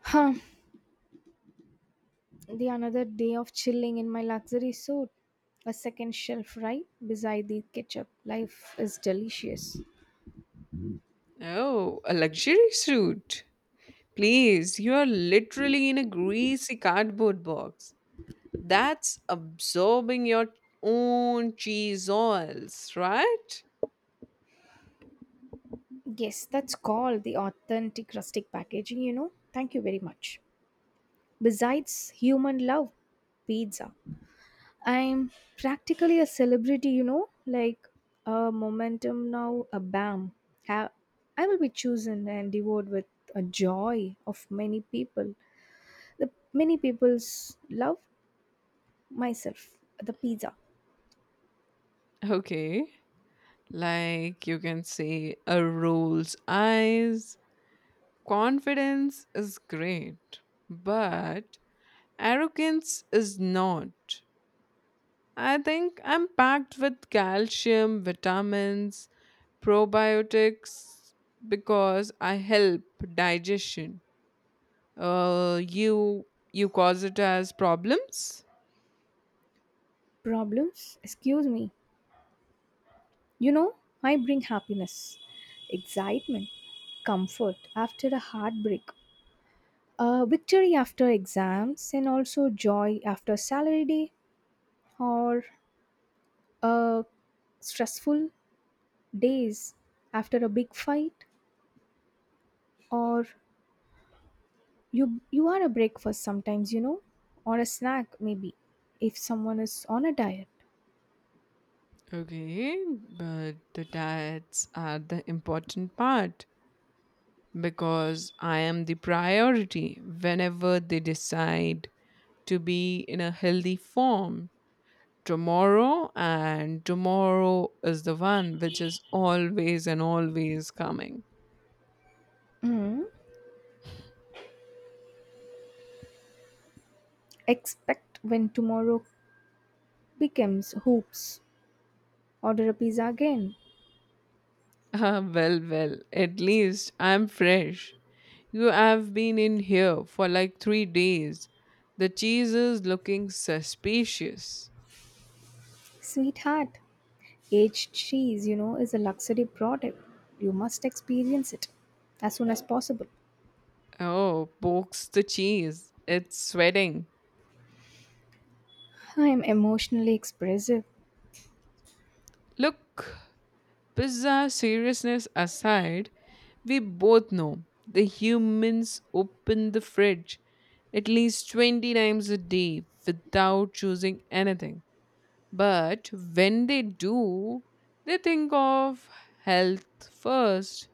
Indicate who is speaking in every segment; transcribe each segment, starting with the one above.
Speaker 1: Huh, the another day of chilling in my luxury suit. A second shelf right beside the ketchup. Life is delicious.
Speaker 2: Oh, a luxury suit. Please, you are literally in a greasy cardboard box. That's absorbing your own cheese oils, right?
Speaker 1: Yes, that's called the authentic rustic packaging. Thank you very much. Besides human love, pizza. I'm practically a celebrity, like a momentum now, a bam. Ha- I will be chosen and devoured with a joy of many people. The many people's love, myself, the pizza.
Speaker 2: Okay. Like you can say a roll's eyes. Confidence is great, but arrogance is not. I think I'm packed with calcium, vitamins, probiotics because I help digestion. Uh, you you cause it as problems.
Speaker 1: Problems? Excuse me, you know I bring happiness, excitement, comfort after a heartbreak, a victory after exams, and also joy after salary day, or a stressful days after a big fight, or you are a breakfast sometimes you know or a snack maybe if someone is on a diet.
Speaker 2: Okay, but the diets are the important part because I am the priority whenever they decide to be in a healthy form tomorrow, and tomorrow is the one which is always and always coming.
Speaker 1: Mm, expect when tomorrow becomes hoops. Order a pizza again.
Speaker 2: Well, well, at least I'm fresh. You have been in here for like 3 days. The cheese is looking suspicious.
Speaker 1: Sweetheart, aged cheese, is a luxury product. You must experience it as soon as possible.
Speaker 2: Oh, pokes the cheese. It's sweating.
Speaker 1: I am emotionally expressive.
Speaker 2: Look, bizarre seriousness aside, we both know the humans open the fridge at least 20 times a day without choosing anything. But when they do, they think of health first.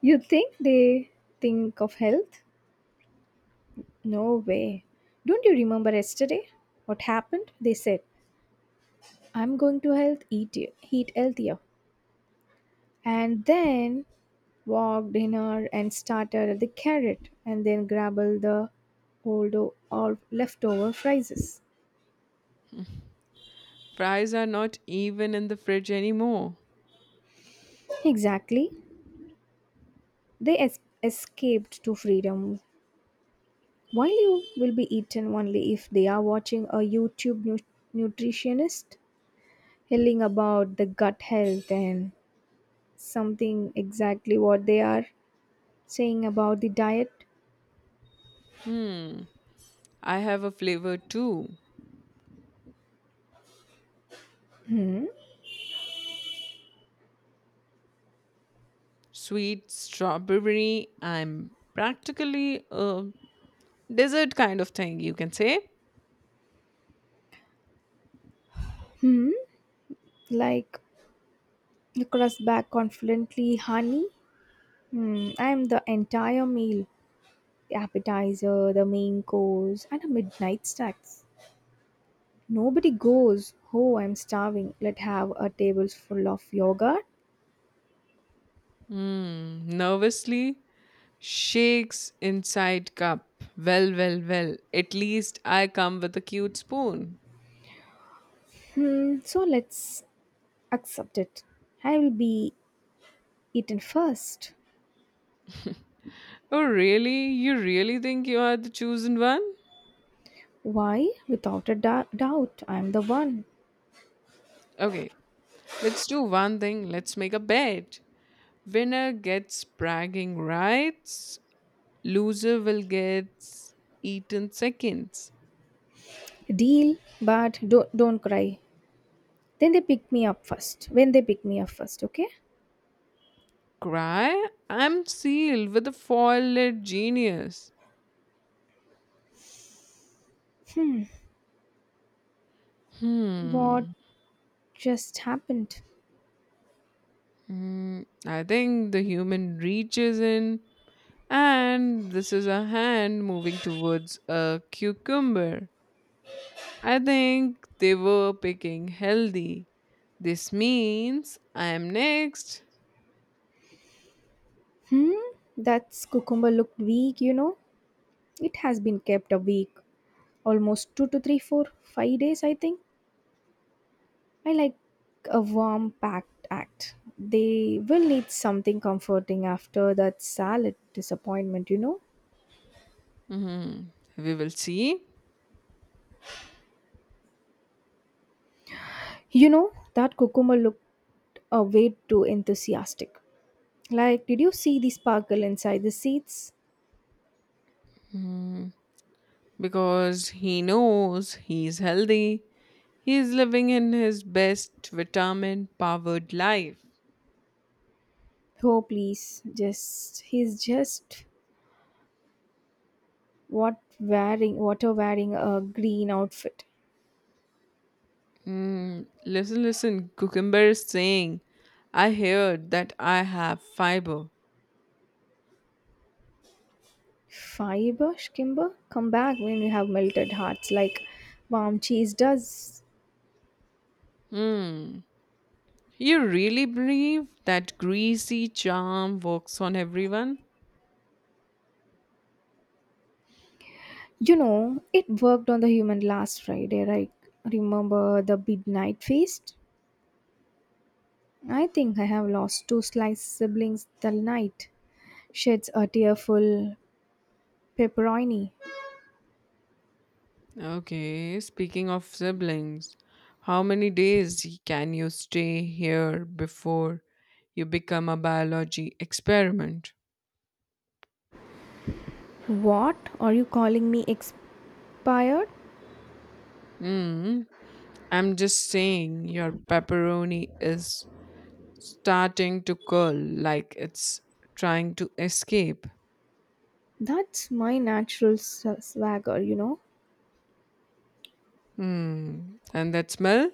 Speaker 1: You think they think of health? No way. Don't you remember yesterday? What happened? They said, I'm going to health eat you, eat healthier. And then walk dinner and starter the carrot and then grabble the or leftover fries.
Speaker 2: Fries are not even in the fridge anymore.
Speaker 1: Exactly. They escaped to freedom. Wildlife will be eaten only if they are watching a YouTube nutritionist yelling about the gut health and something exactly what they are saying about the diet.
Speaker 2: Hmm. I have a flavor too. Sweet strawberry. I'm practically a dessert kind of thing, you can say.
Speaker 1: Like Nicholas back confidently, honey. I am the entire meal, the appetizer, the main course, and a midnight snacks. Nobody goes, Oh, I'm starving, let have a table full of yogurt.
Speaker 2: Hmm. Nervously shakes inside cup. Well, well, well. At least I come with a cute spoon.
Speaker 1: So let's accept it. I will be eaten first.
Speaker 2: Oh, really? You really think you are the chosen one?
Speaker 1: Why? Without a doubt, I'm the one.
Speaker 2: Okay, let's do one thing. Let's make a bet. Winner gets bragging rights. Loser will get eaten seconds.
Speaker 1: Deal, but don't cry. Then they pick me up first. When they pick me up first, okay?
Speaker 2: Cry? I'm sealed with a foil-lit genius.
Speaker 1: What
Speaker 2: Hmm.
Speaker 1: just happened?
Speaker 2: Hmm. I think the human reaches in, and this is a hand moving towards a cucumber. I think they were picking healthy. This means I am next.
Speaker 1: That cucumber looked weak. It has been kept a week, almost two to three, four, 5 days, I think. I like a warm packed act. They will need something comforting after that salad disappointment, you know?
Speaker 2: Mhm. We will see.
Speaker 1: That cucumber looked a way too enthusiastic. Like, did you see the sparkle inside the seeds?
Speaker 2: Hmm. Because he knows he's healthy. He's living in his best vitamin powered life.
Speaker 1: Oh please, just he's just what wearing water wearing a green outfit.
Speaker 2: Mm, listen, listen. Cucumber is saying, I heard that I have fiber.
Speaker 1: Fiber, Kimber, come back when you have melted hearts like warm cheese does.
Speaker 2: Hmm. You really believe that greasy charm works on everyone?
Speaker 1: It worked on the human last Friday, right? Remember the midnight feast? I think I have lost two sliced siblings the night. Sheds a tearful pepperoni.
Speaker 2: Okay, speaking of siblings, how many days can you stay here before you become a biology experiment?
Speaker 1: What? Are you calling me expired?
Speaker 2: Hmm. I'm just saying your pepperoni is starting to curl like it's trying to escape.
Speaker 1: That's my natural swagger.
Speaker 2: Hmm. And that smell?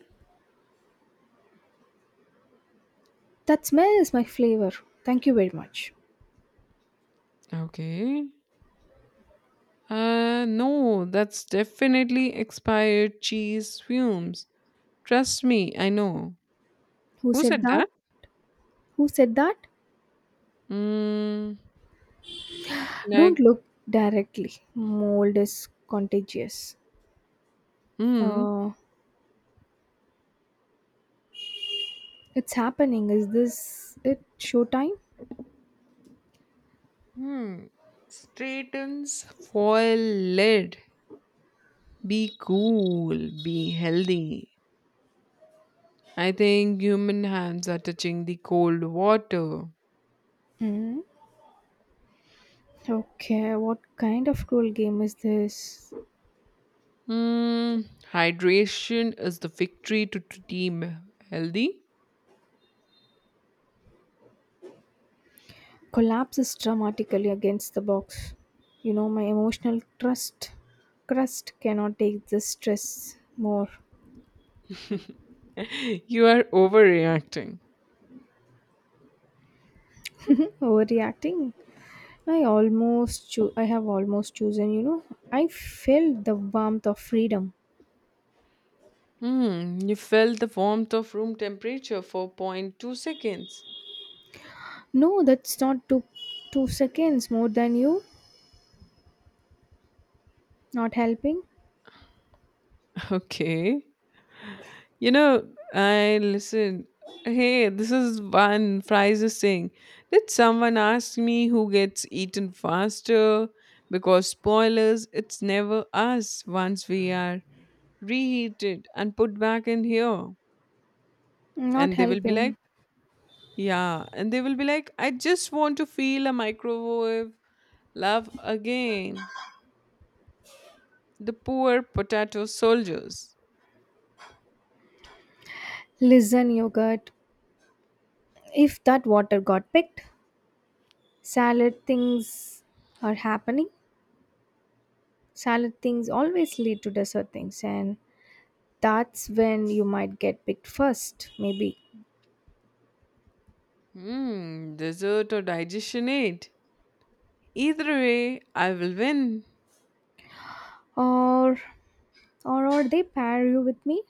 Speaker 1: That smell is my flavor. Thank you very much.
Speaker 2: Okay. No, that's definitely expired cheese fumes. Trust me, I know.
Speaker 1: Who
Speaker 2: Who
Speaker 1: said
Speaker 2: said
Speaker 1: that?
Speaker 2: that?
Speaker 1: Who said that?
Speaker 2: Hmm.
Speaker 1: Don't
Speaker 2: Like,
Speaker 1: look directly. Mold is contagious.
Speaker 2: hmm.
Speaker 1: Uh, It's happening. Is this it? Showtime?
Speaker 2: Hmm. Straightens foil lid. Be cool. Be healthy. I think human hands are touching the cold water.
Speaker 1: Mm. Okay, what kind of cruel game is this?
Speaker 2: Hmm. Hydration is the victory to team healthy.
Speaker 1: Collapses dramatically against the box. My emotional trust crust cannot take this stress more.
Speaker 2: You are overreacting.
Speaker 1: Overreacting. I have almost chosen. I felt the warmth of freedom.
Speaker 2: Hmm. You felt the warmth of room temperature for 0.2 seconds.
Speaker 1: No, that's not two seconds more than you. Not helping.
Speaker 2: Okay. You know, I listen. Hey, this is one fries is saying. Did someone ask me who gets eaten faster? Because spoilers, it's never us once we are reheated and put back in here.
Speaker 1: Not
Speaker 2: And they will be like,
Speaker 1: helping.
Speaker 2: yeah. And they will be like, I just want to feel a microwave love again. The poor potato soldiers.
Speaker 1: Listen, yogurt. If that water got picked, salad things are happening. Salad things always lead to dessert things, and that's when you might get picked first, maybe.
Speaker 2: Hmm, dessert or digestion aid. Either way, I will win.
Speaker 1: Or, or they pair you with me,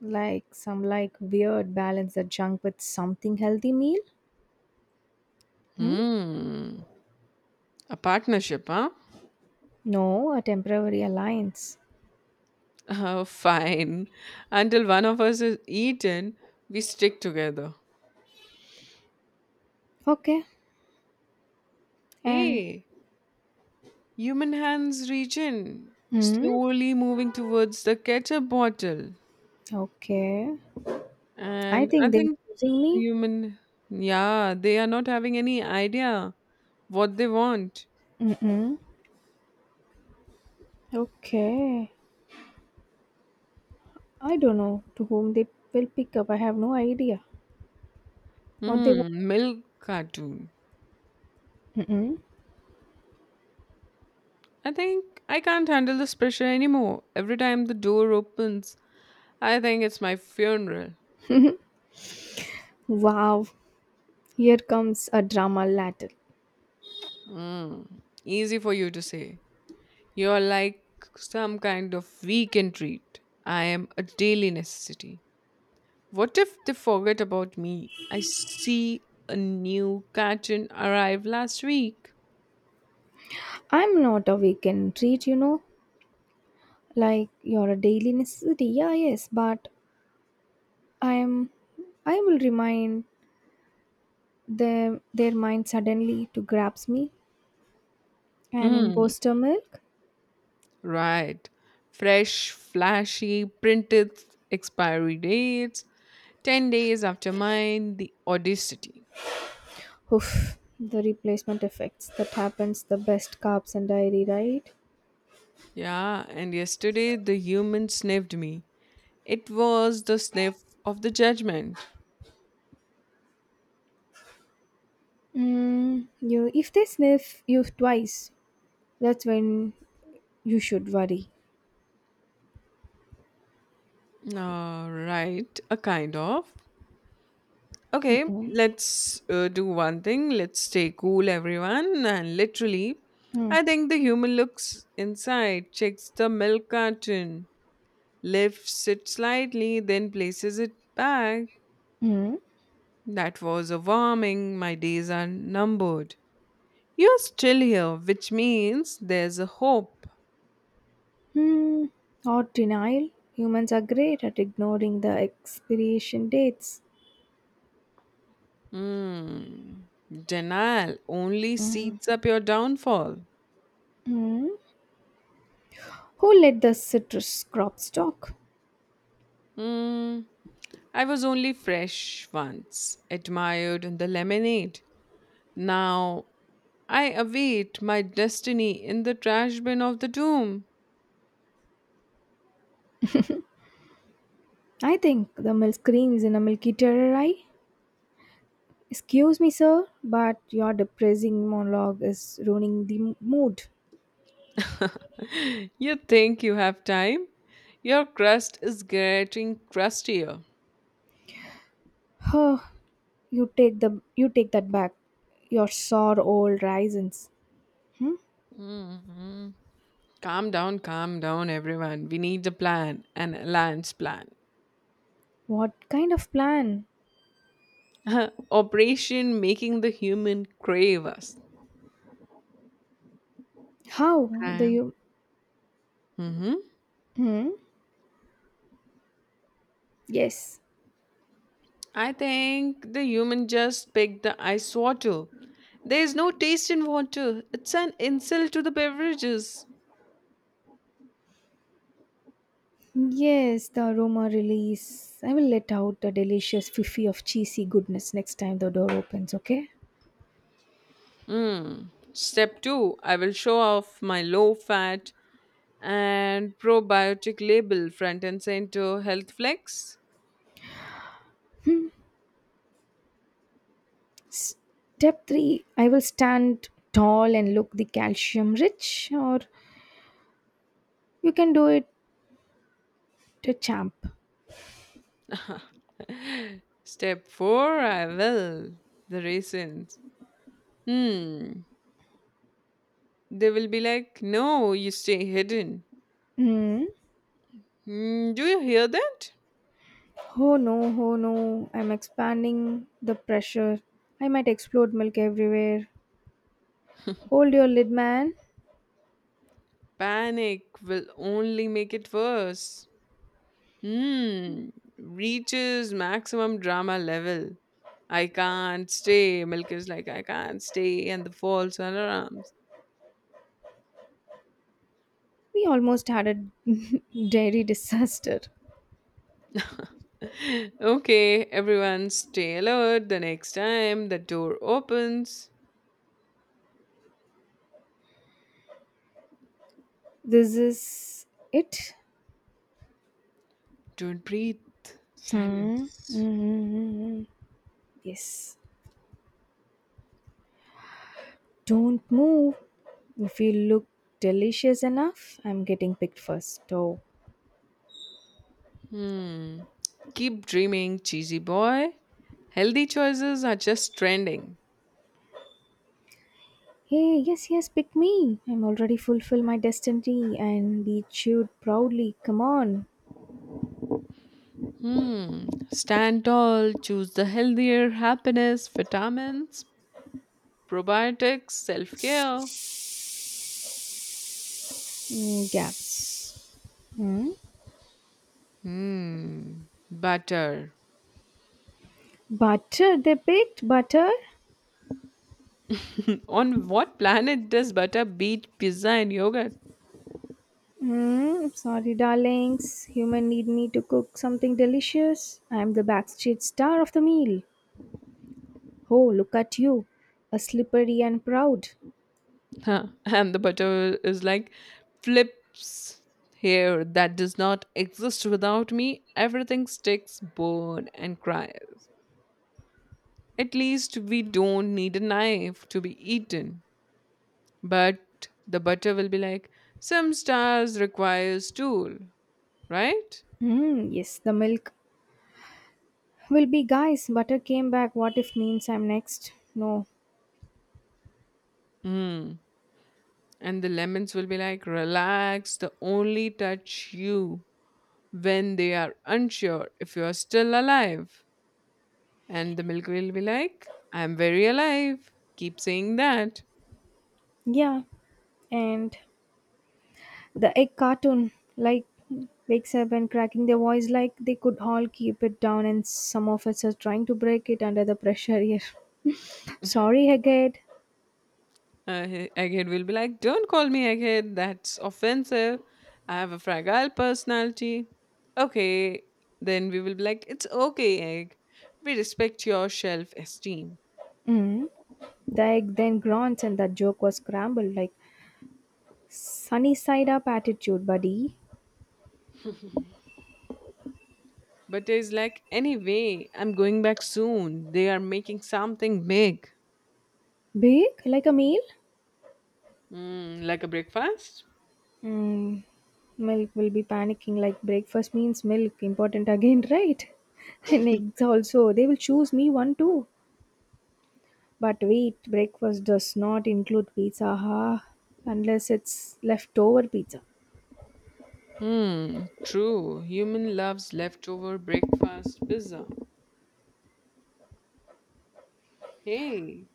Speaker 1: like some like weird balance the junk with something healthy meal. Hmm?
Speaker 2: Hmm. A partnership, huh?
Speaker 1: No, a temporary alliance.
Speaker 2: Oh, fine. Until one of us is eaten, we stick together.
Speaker 1: Okay, and
Speaker 2: Hey, human hands reach in,
Speaker 1: hmm,
Speaker 2: slowly moving towards the ketchup bottle.
Speaker 1: okay. I
Speaker 2: And I
Speaker 1: think they're
Speaker 2: think
Speaker 1: using me.
Speaker 2: human, yeah, they are not having any idea what they want.
Speaker 1: Mm-mm. Okay. I don't know to whom they will pick up. I have no idea what they want.
Speaker 2: Hmm, milk cartoon.
Speaker 1: Mm-mm.
Speaker 2: I think I can't handle this pressure anymore. Every time the door opens, I think it's my funeral.
Speaker 1: Wow, here comes a drama latin.
Speaker 2: Mm, easy for you to say. You're like some kind of weekend treat. I am a daily necessity. What if they forget about me? I see a new carton arrive last week.
Speaker 1: I'm not a weekend treat, like you're a daily necessity. Yeah, yes, but I am. I will remind them their mind suddenly to grabs me and
Speaker 2: Hmm,
Speaker 1: imposter milk.
Speaker 2: right. Fresh, flashy, printed expiry dates. 10 days after mine, the audacity.
Speaker 1: Oof, the replacement effects that happens the best carbs and dairy, right?
Speaker 2: Yeah, and yesterday the human sniffed me. It was the sniff of the judgment.
Speaker 1: You if they sniff you twice, that's when you should worry.
Speaker 2: Right, a kind of. Okay,
Speaker 1: Mm-mm.
Speaker 2: let's do one thing. Let's stay cool, everyone. And literally,
Speaker 1: Mm.
Speaker 2: I think the human looks inside, checks the milk carton, lifts it slightly, then places it back.
Speaker 1: Mm.
Speaker 2: That was a warming. My days are numbered. You're still here, which means there's a hope.
Speaker 1: Hmm. Or denial. Humans are great at ignoring the expiration dates.
Speaker 2: Mm, denial only
Speaker 1: Mm.
Speaker 2: seeds up your downfall.
Speaker 1: Mm. Who let the citrus crops talk?
Speaker 2: Mm, I was only fresh once, admired in the lemonade. Now I await my destiny in the trash bin of the tomb.
Speaker 1: I think the milk screams in a milky terror eye. Excuse me, sir, but your depressing monologue is ruining the mood.
Speaker 2: You think you have time? Your crust is getting crustier.
Speaker 1: Huh. You take that back. Your sore old raisins. Hmm?
Speaker 2: Mhm. Calm down, everyone. We need a plan, an alliance plan.
Speaker 1: What kind of plan?
Speaker 2: Operation making the human crave us.
Speaker 1: How the
Speaker 2: Right.
Speaker 1: you.
Speaker 2: Mhm.
Speaker 1: Hmm. Yes.
Speaker 2: I think the human just picked the ice water. There's no taste in water. It's an insult to the beverages.
Speaker 1: Yes, the aroma release. I will let out the delicious fifi of cheesy goodness next time the door opens, okay?
Speaker 2: Mm. Step two, I will show off my low fat and probiotic label front and center health flex.
Speaker 1: Step 3, I will stand tall and look the calcium rich, or you can do it a champ.
Speaker 2: Step four, I will. The raisins. Hmm. They will be like, no, you stay hidden.
Speaker 1: Hmm.
Speaker 2: Hmm, do you hear that?
Speaker 1: Oh no, oh no, I'm expanding the pressure. I might explode milk everywhere. Hold your lid, man.
Speaker 2: Panic will only make it worse. Hmm, reaches maximum drama level. I can't stay. Milk is like, I can't stay. And the false alarms.
Speaker 1: We almost had a dairy disaster.
Speaker 2: Okay, everyone stay alert. The next time the door opens,
Speaker 1: This is it.
Speaker 2: don't breathe.
Speaker 1: Hmm.
Speaker 2: Silence.
Speaker 1: Mm-hmm. Yes. Don't move. If you look delicious enough, I'm getting picked first. Oh.
Speaker 2: Hmm. Keep dreaming, cheesy boy. Healthy choices are just trending.
Speaker 1: Hey, yes, yes, pick me. I'm already fulfilled my destiny and be chewed proudly. Come on.
Speaker 2: Hmm. Stand tall, choose the healthier happiness, vitamins, probiotics, self care.
Speaker 1: Mm, gaps. Hmm.
Speaker 2: Hmm. Butter.
Speaker 1: Butter, they picked butter.
Speaker 2: On what planet does butter beat pizza and yogurt?
Speaker 1: Hmm. Sorry, darlings. Human need me to cook something delicious. I'm the backstage star of the meal. Oh, look at you. A slippery and proud.
Speaker 2: Huh. And the butter is like flips here that does not exist without me. Everything sticks, burn, and cries. At least we don't need a knife to be eaten. But the butter will be like, some stars requires tool, right?
Speaker 1: Yes, the milk will be guys. Butter came back. What if means I'm next? No.
Speaker 2: Hmm. And the lemons will be like, relax, the only touch you when they are unsure if you are still alive. And the milk will be like, I'm very alive. Keep saying that.
Speaker 1: Yeah. And the egg cartoon like wakes up and cracking their voice like they could all keep it down and some of us are trying to break it under the pressure here. Sorry, Hagrid.
Speaker 2: Egghead will be like, don't call me egghead. That's offensive. I have a fragile personality. Okay. Then we will be like, it's okay, egg. We respect your self esteem.
Speaker 1: Mm. The egg then grunts and that joke was scrambled like sunny side up attitude, buddy.
Speaker 2: But it's like, anyway, I'm going back soon. They are making something big.
Speaker 1: Big? Like a meal?
Speaker 2: Mm, like a breakfast?
Speaker 1: Mm, milk will be panicking like breakfast means milk important again, right. And eggs also, they will choose me one too. But wait, breakfast does not include pizza, huh? Unless it's leftover pizza.
Speaker 2: Hmm, true. Human loves leftover breakfast pizza. Hey,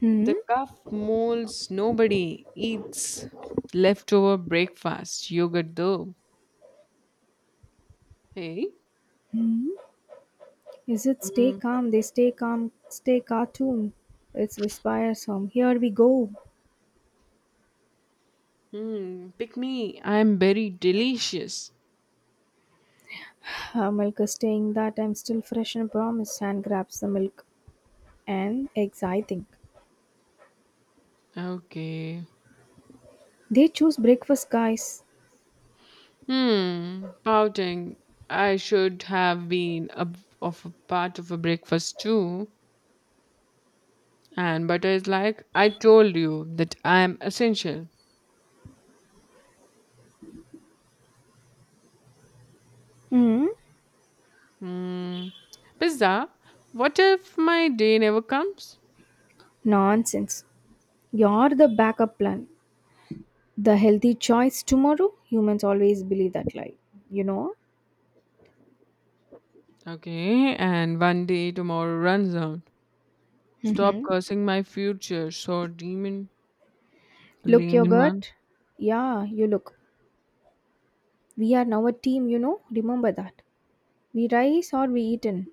Speaker 1: Hmm.
Speaker 2: the cuff molds nobody eats leftover breakfast yogurt though. Hey.
Speaker 1: Hmm? Is it stay
Speaker 2: Mm.
Speaker 1: calm, they stay calm, stay cartoon. It's Whisper song. Here we go.
Speaker 2: Hmm. Pick me. I'm very delicious.
Speaker 1: Milk is saying that I'm still fresh and promise and grabs the milk and eggs, I think.
Speaker 2: Okay.
Speaker 1: They choose breakfast, guys.
Speaker 2: Hmm. Pouting. I should have been of a part of a breakfast too. And butter is like I told you that I'm essential.
Speaker 1: Hmm.
Speaker 2: Hmm. Pizza. What if my day never comes?
Speaker 1: Nonsense. You're the backup plan. The healthy choice tomorrow. Humans always believe that lie. You know?
Speaker 2: Okay. And one day tomorrow runs out. Stop
Speaker 1: Mm-hmm.
Speaker 2: cursing my future. So demon, the
Speaker 1: Look your
Speaker 2: layman one.
Speaker 1: gut. Yeah, you look. We are now a team, you know? Remember that. We rise or we eaten.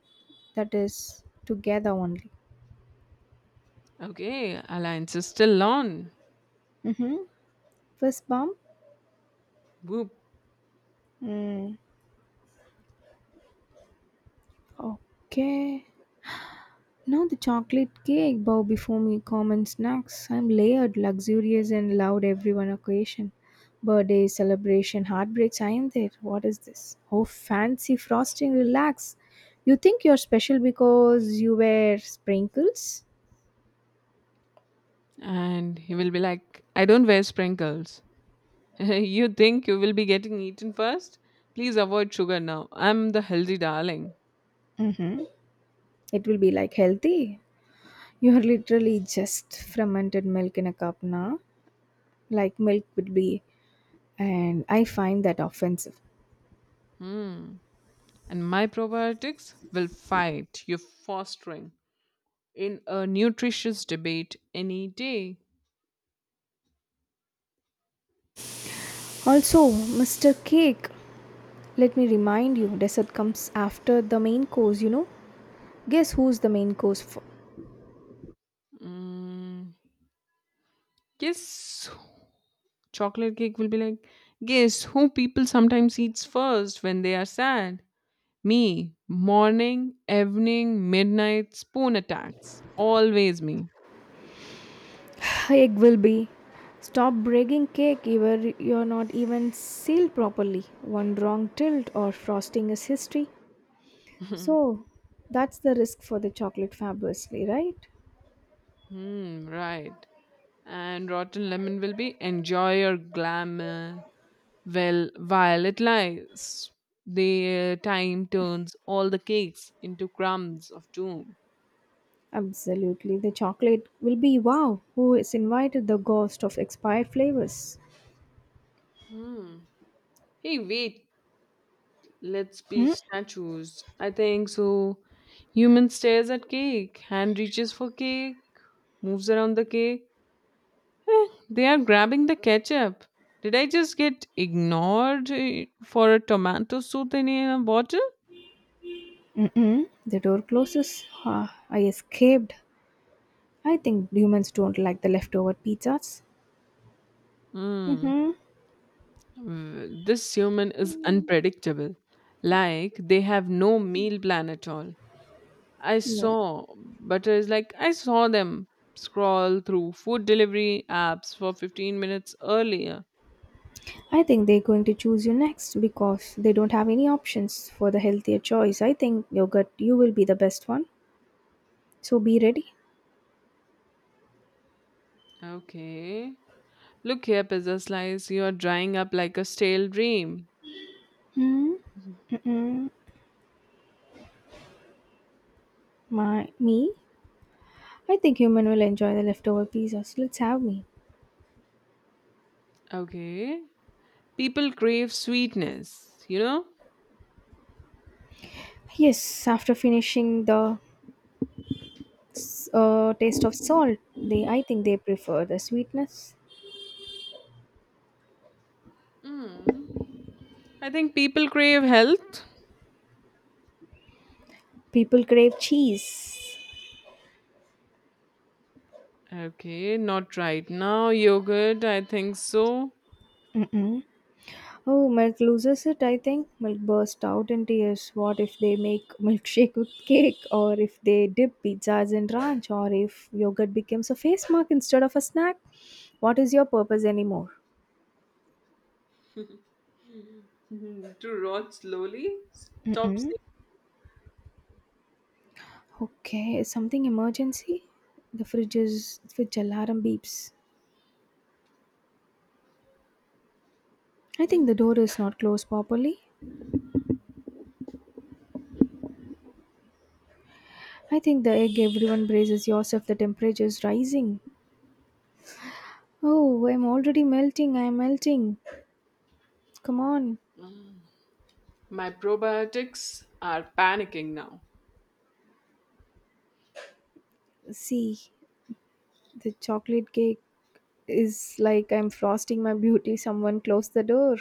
Speaker 1: That is together only.
Speaker 2: Okay, alliance is still on.
Speaker 1: Mm-hmm. First bomb?
Speaker 2: Whoop.
Speaker 1: Mm. Okay. Now the chocolate cake bow before me common snacks. I'm layered, luxurious and loud every one occasion. Birthday, celebration, heartbreaks, I am there. What is this? Oh fancy frosting, relax. You think you're special because you wear sprinkles?
Speaker 2: And he will be like, I don't wear sprinkles. You think you will be getting eaten first? Please avoid sugar now. I'm the healthy darling.
Speaker 1: Mm-hmm. It will be like healthy. You're literally just fermented milk in a cup now. Like milk would be and I find that offensive.
Speaker 2: Hmm. And my probiotics will fight your fostering in a nutritious debate any day.
Speaker 1: Also, Mr. Cake, let me remind you, dessert comes after the main course. Guess who's the main course for?
Speaker 2: Mm. Yes, chocolate cake will be like, guess who people sometimes eats first when they are sad? Me. Morning, evening, midnight, spoon attacks. Always me.
Speaker 1: Egg will be. Stop breaking cake even you're not even sealed properly. One wrong tilt or frosting is history. So that's the risk for the chocolate fabulously, right?
Speaker 2: Hmm, right. And rotten lemon will be enjoy your glamour. Well, while it lies, the time turns all the cakes into crumbs of doom.
Speaker 1: Absolutely. The chocolate will be wow, who is invited the ghost of expired flavors.
Speaker 2: Hmm. Hey, wait. Let's be
Speaker 1: Mm.
Speaker 2: statues. I think so. Human stares at cake, hand reaches for cake, moves around the cake. They are grabbing the ketchup. Did I just get ignored for a tomato soup in a bottle?
Speaker 1: Mm-mm. The door closes. Ah, I escaped. I think humans don't like the leftover pizzas.
Speaker 2: Hmm.
Speaker 1: Mm-hmm.
Speaker 2: This human is unpredictable. Like they have no meal plan at all. I
Speaker 1: Yeah.
Speaker 2: saw butter is like I saw them scroll through food delivery apps for 15 minutes earlier.
Speaker 1: I think they're going to choose you next because they don't have any options for the healthier choice. I think yogurt, you will be the best one. So be ready.
Speaker 2: Okay. Look here, pizza slice, you are drying up like a stale dream.
Speaker 1: Hmm. Mm-mm. My me, I think human will enjoy the leftover pizzas. Let's have me.
Speaker 2: Okay. People crave sweetness, you know?
Speaker 1: Yes, after finishing the taste of salt, they I think they prefer the sweetness.
Speaker 2: I think people crave health.
Speaker 1: People crave cheese.
Speaker 2: Okay, not right now. Yogurt, I think so.
Speaker 1: Mm-mm. Oh, milk loses it, I think. Milk burst out in tears. What if they make milkshake with cake, or if they dip pizzas in ranch, or if yogurt becomes a face mark instead of a snack? What is your purpose anymore?
Speaker 2: Mhm. To rot slowly. Stop
Speaker 1: Mm-mm.
Speaker 2: saying
Speaker 1: Okay, is something emergency? The fridge is fridge alarm beeps. I think the door is not closed properly. I think the egg everyone braces yourself. The temperature is rising. Oh, I'm already melting. I'm melting. Come on,
Speaker 2: my probiotics are panicking now.
Speaker 1: see. The chocolate cake is like I'm frosting my beauty. Someone close the door.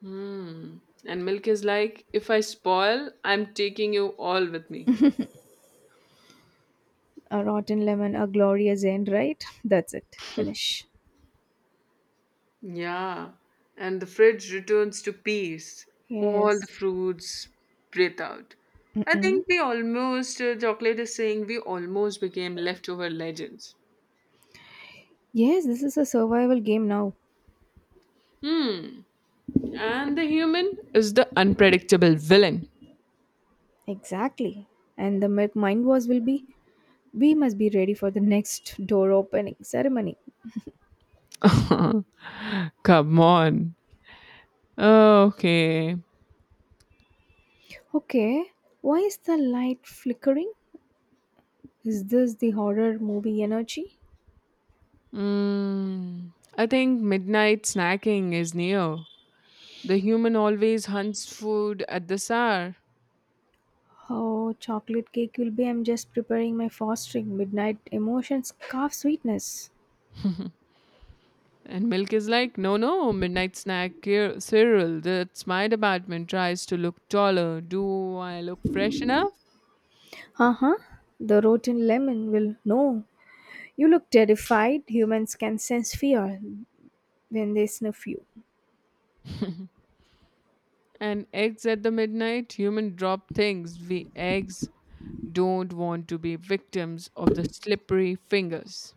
Speaker 2: Hmm. And milk is like, if I spoil, I'm taking you all with me.
Speaker 1: A rotten lemon, a glorious end, right? That's it. Finish.
Speaker 2: Yeah, and the fridge returns to peace. All the
Speaker 1: Yes.
Speaker 2: fruits breathe out. I
Speaker 1: Mm-mm.
Speaker 2: think we almost, chocolate is saying, we almost became leftover legends.
Speaker 1: Yes, this is a survival game now.
Speaker 2: Hmm, and the human is the unpredictable villain.
Speaker 1: Exactly. And the milk mind was will be we must be ready for the next door opening ceremony.
Speaker 2: Come on. Okay.
Speaker 1: Okay. Why is the light flickering? Is this the horror movie energy?
Speaker 2: Mm, I think midnight snacking is near. The human always hunts food at this hour.
Speaker 1: Oh, chocolate cake will be. I'm just preparing my fostering midnight emotions calf sweetness.
Speaker 2: And milk is like, no, no, midnight snack, Cyril, that's my department. Tries to look taller. Do I look fresh enough?
Speaker 1: Uh huh. The rotten lemon will. No. You look terrified. Humans can sense fear when they sniff you.
Speaker 2: And eggs at the midnight, human drop things. We eggs don't want to be victims of the slippery fingers.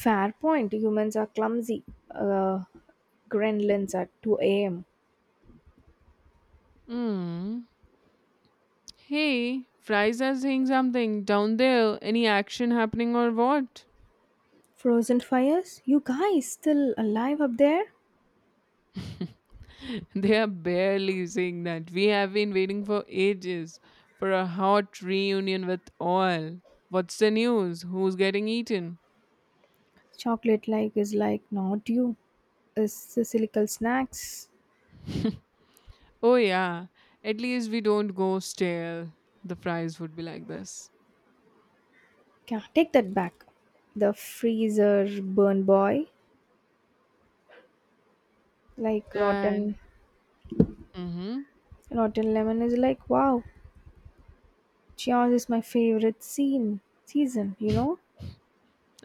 Speaker 1: Fair point. Humans are clumsy. Uh, gremlins at 2 a.m.
Speaker 2: Hmm. Hey, fries are saying something down there. Any action happening or what?
Speaker 1: Frozen fires? You guys still alive up there?
Speaker 2: They are barely saying that. We have been waiting for ages for a hot reunion with all. What's the news? Who's getting eaten?
Speaker 1: Chocolate like is like not you. Is Sicilical snacks.
Speaker 2: Oh, yeah, at least we don't go stale. The fries would be like this.
Speaker 1: Yeah, take that back. The freezer burn boy, like
Speaker 2: And,
Speaker 1: rotten,
Speaker 2: mm
Speaker 1: rotten lemon is like wow. Cheers is my favorite scene season. You know.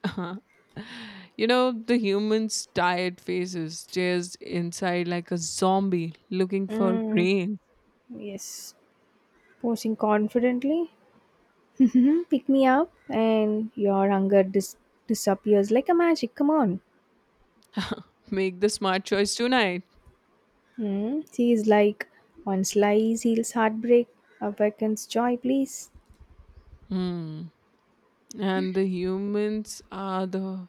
Speaker 2: hmm. You know, the human's tired faces stares inside like a zombie looking for
Speaker 1: Mm,
Speaker 2: brains.
Speaker 1: yes. Posing confidently. Mhm, pick me up, and your hunger disappears like a magic. Come on.
Speaker 2: Make the smart choice tonight.
Speaker 1: Hmm. She is like one slice heals heartbreak, awakens joy. Please.
Speaker 2: Hmm. And the humans are the.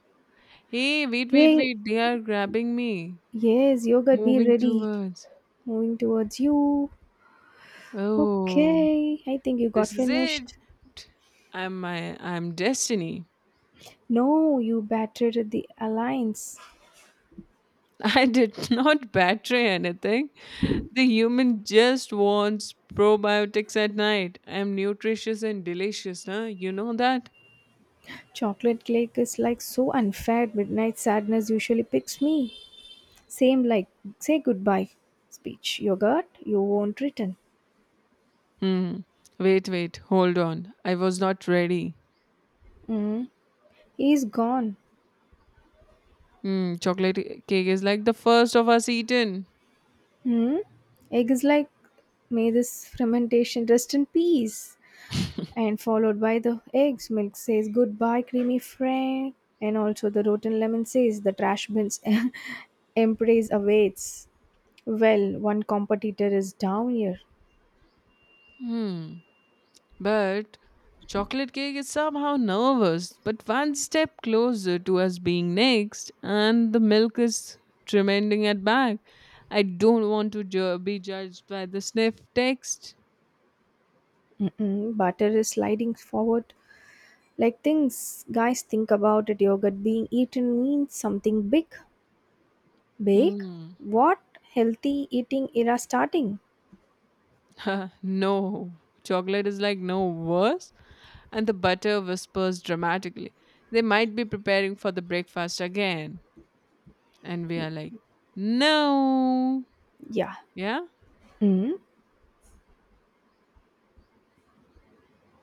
Speaker 2: Hey, wait, wait,
Speaker 1: Hey.
Speaker 2: wait. They are grabbing me.
Speaker 1: Yes, yogurt. Be
Speaker 2: Moving
Speaker 1: ready.
Speaker 2: towards.
Speaker 1: Moving towards you.
Speaker 2: Oh,
Speaker 1: Okay, I think you got
Speaker 2: this is it.
Speaker 1: finished.
Speaker 2: I'm destiny.
Speaker 1: No, you battered the alliance.
Speaker 2: I did not betray anything. The human just wants probiotics at night. I'm nutritious and delicious, huh? You know that?
Speaker 1: Chocolate cake is like so unfair. Midnight sadness usually picks me. Same like say goodbye speech. Yogurt, you won't return.
Speaker 2: Hmm. Wait, wait, hold on. I was not ready.
Speaker 1: Mm. He's gone.
Speaker 2: Hmm. Chocolate cake is like the first of us eaten.
Speaker 1: Hmm? Egg is like may this fermentation rest in peace. And followed by the eggs, milk says goodbye, creamy friend. And also the rotten lemon says the trash bins embrace awaits. Well, one competitor is down here.
Speaker 2: Hmm. But chocolate cake is somehow nervous, but one step closer to us being next, and the milk is tremending at back. I don't want to be judged by the sniff text.
Speaker 1: Mm-mm, butter is sliding forward. Like things, guys, think about it. Yogurt being eaten means something big. Big?
Speaker 2: Mm.
Speaker 1: What? Healthy eating era starting?
Speaker 2: No, chocolate is like no worse, and the butter whispers dramatically. They might be preparing for the breakfast again, and we are like, no,
Speaker 1: Yeah.
Speaker 2: yeah.
Speaker 1: Mm.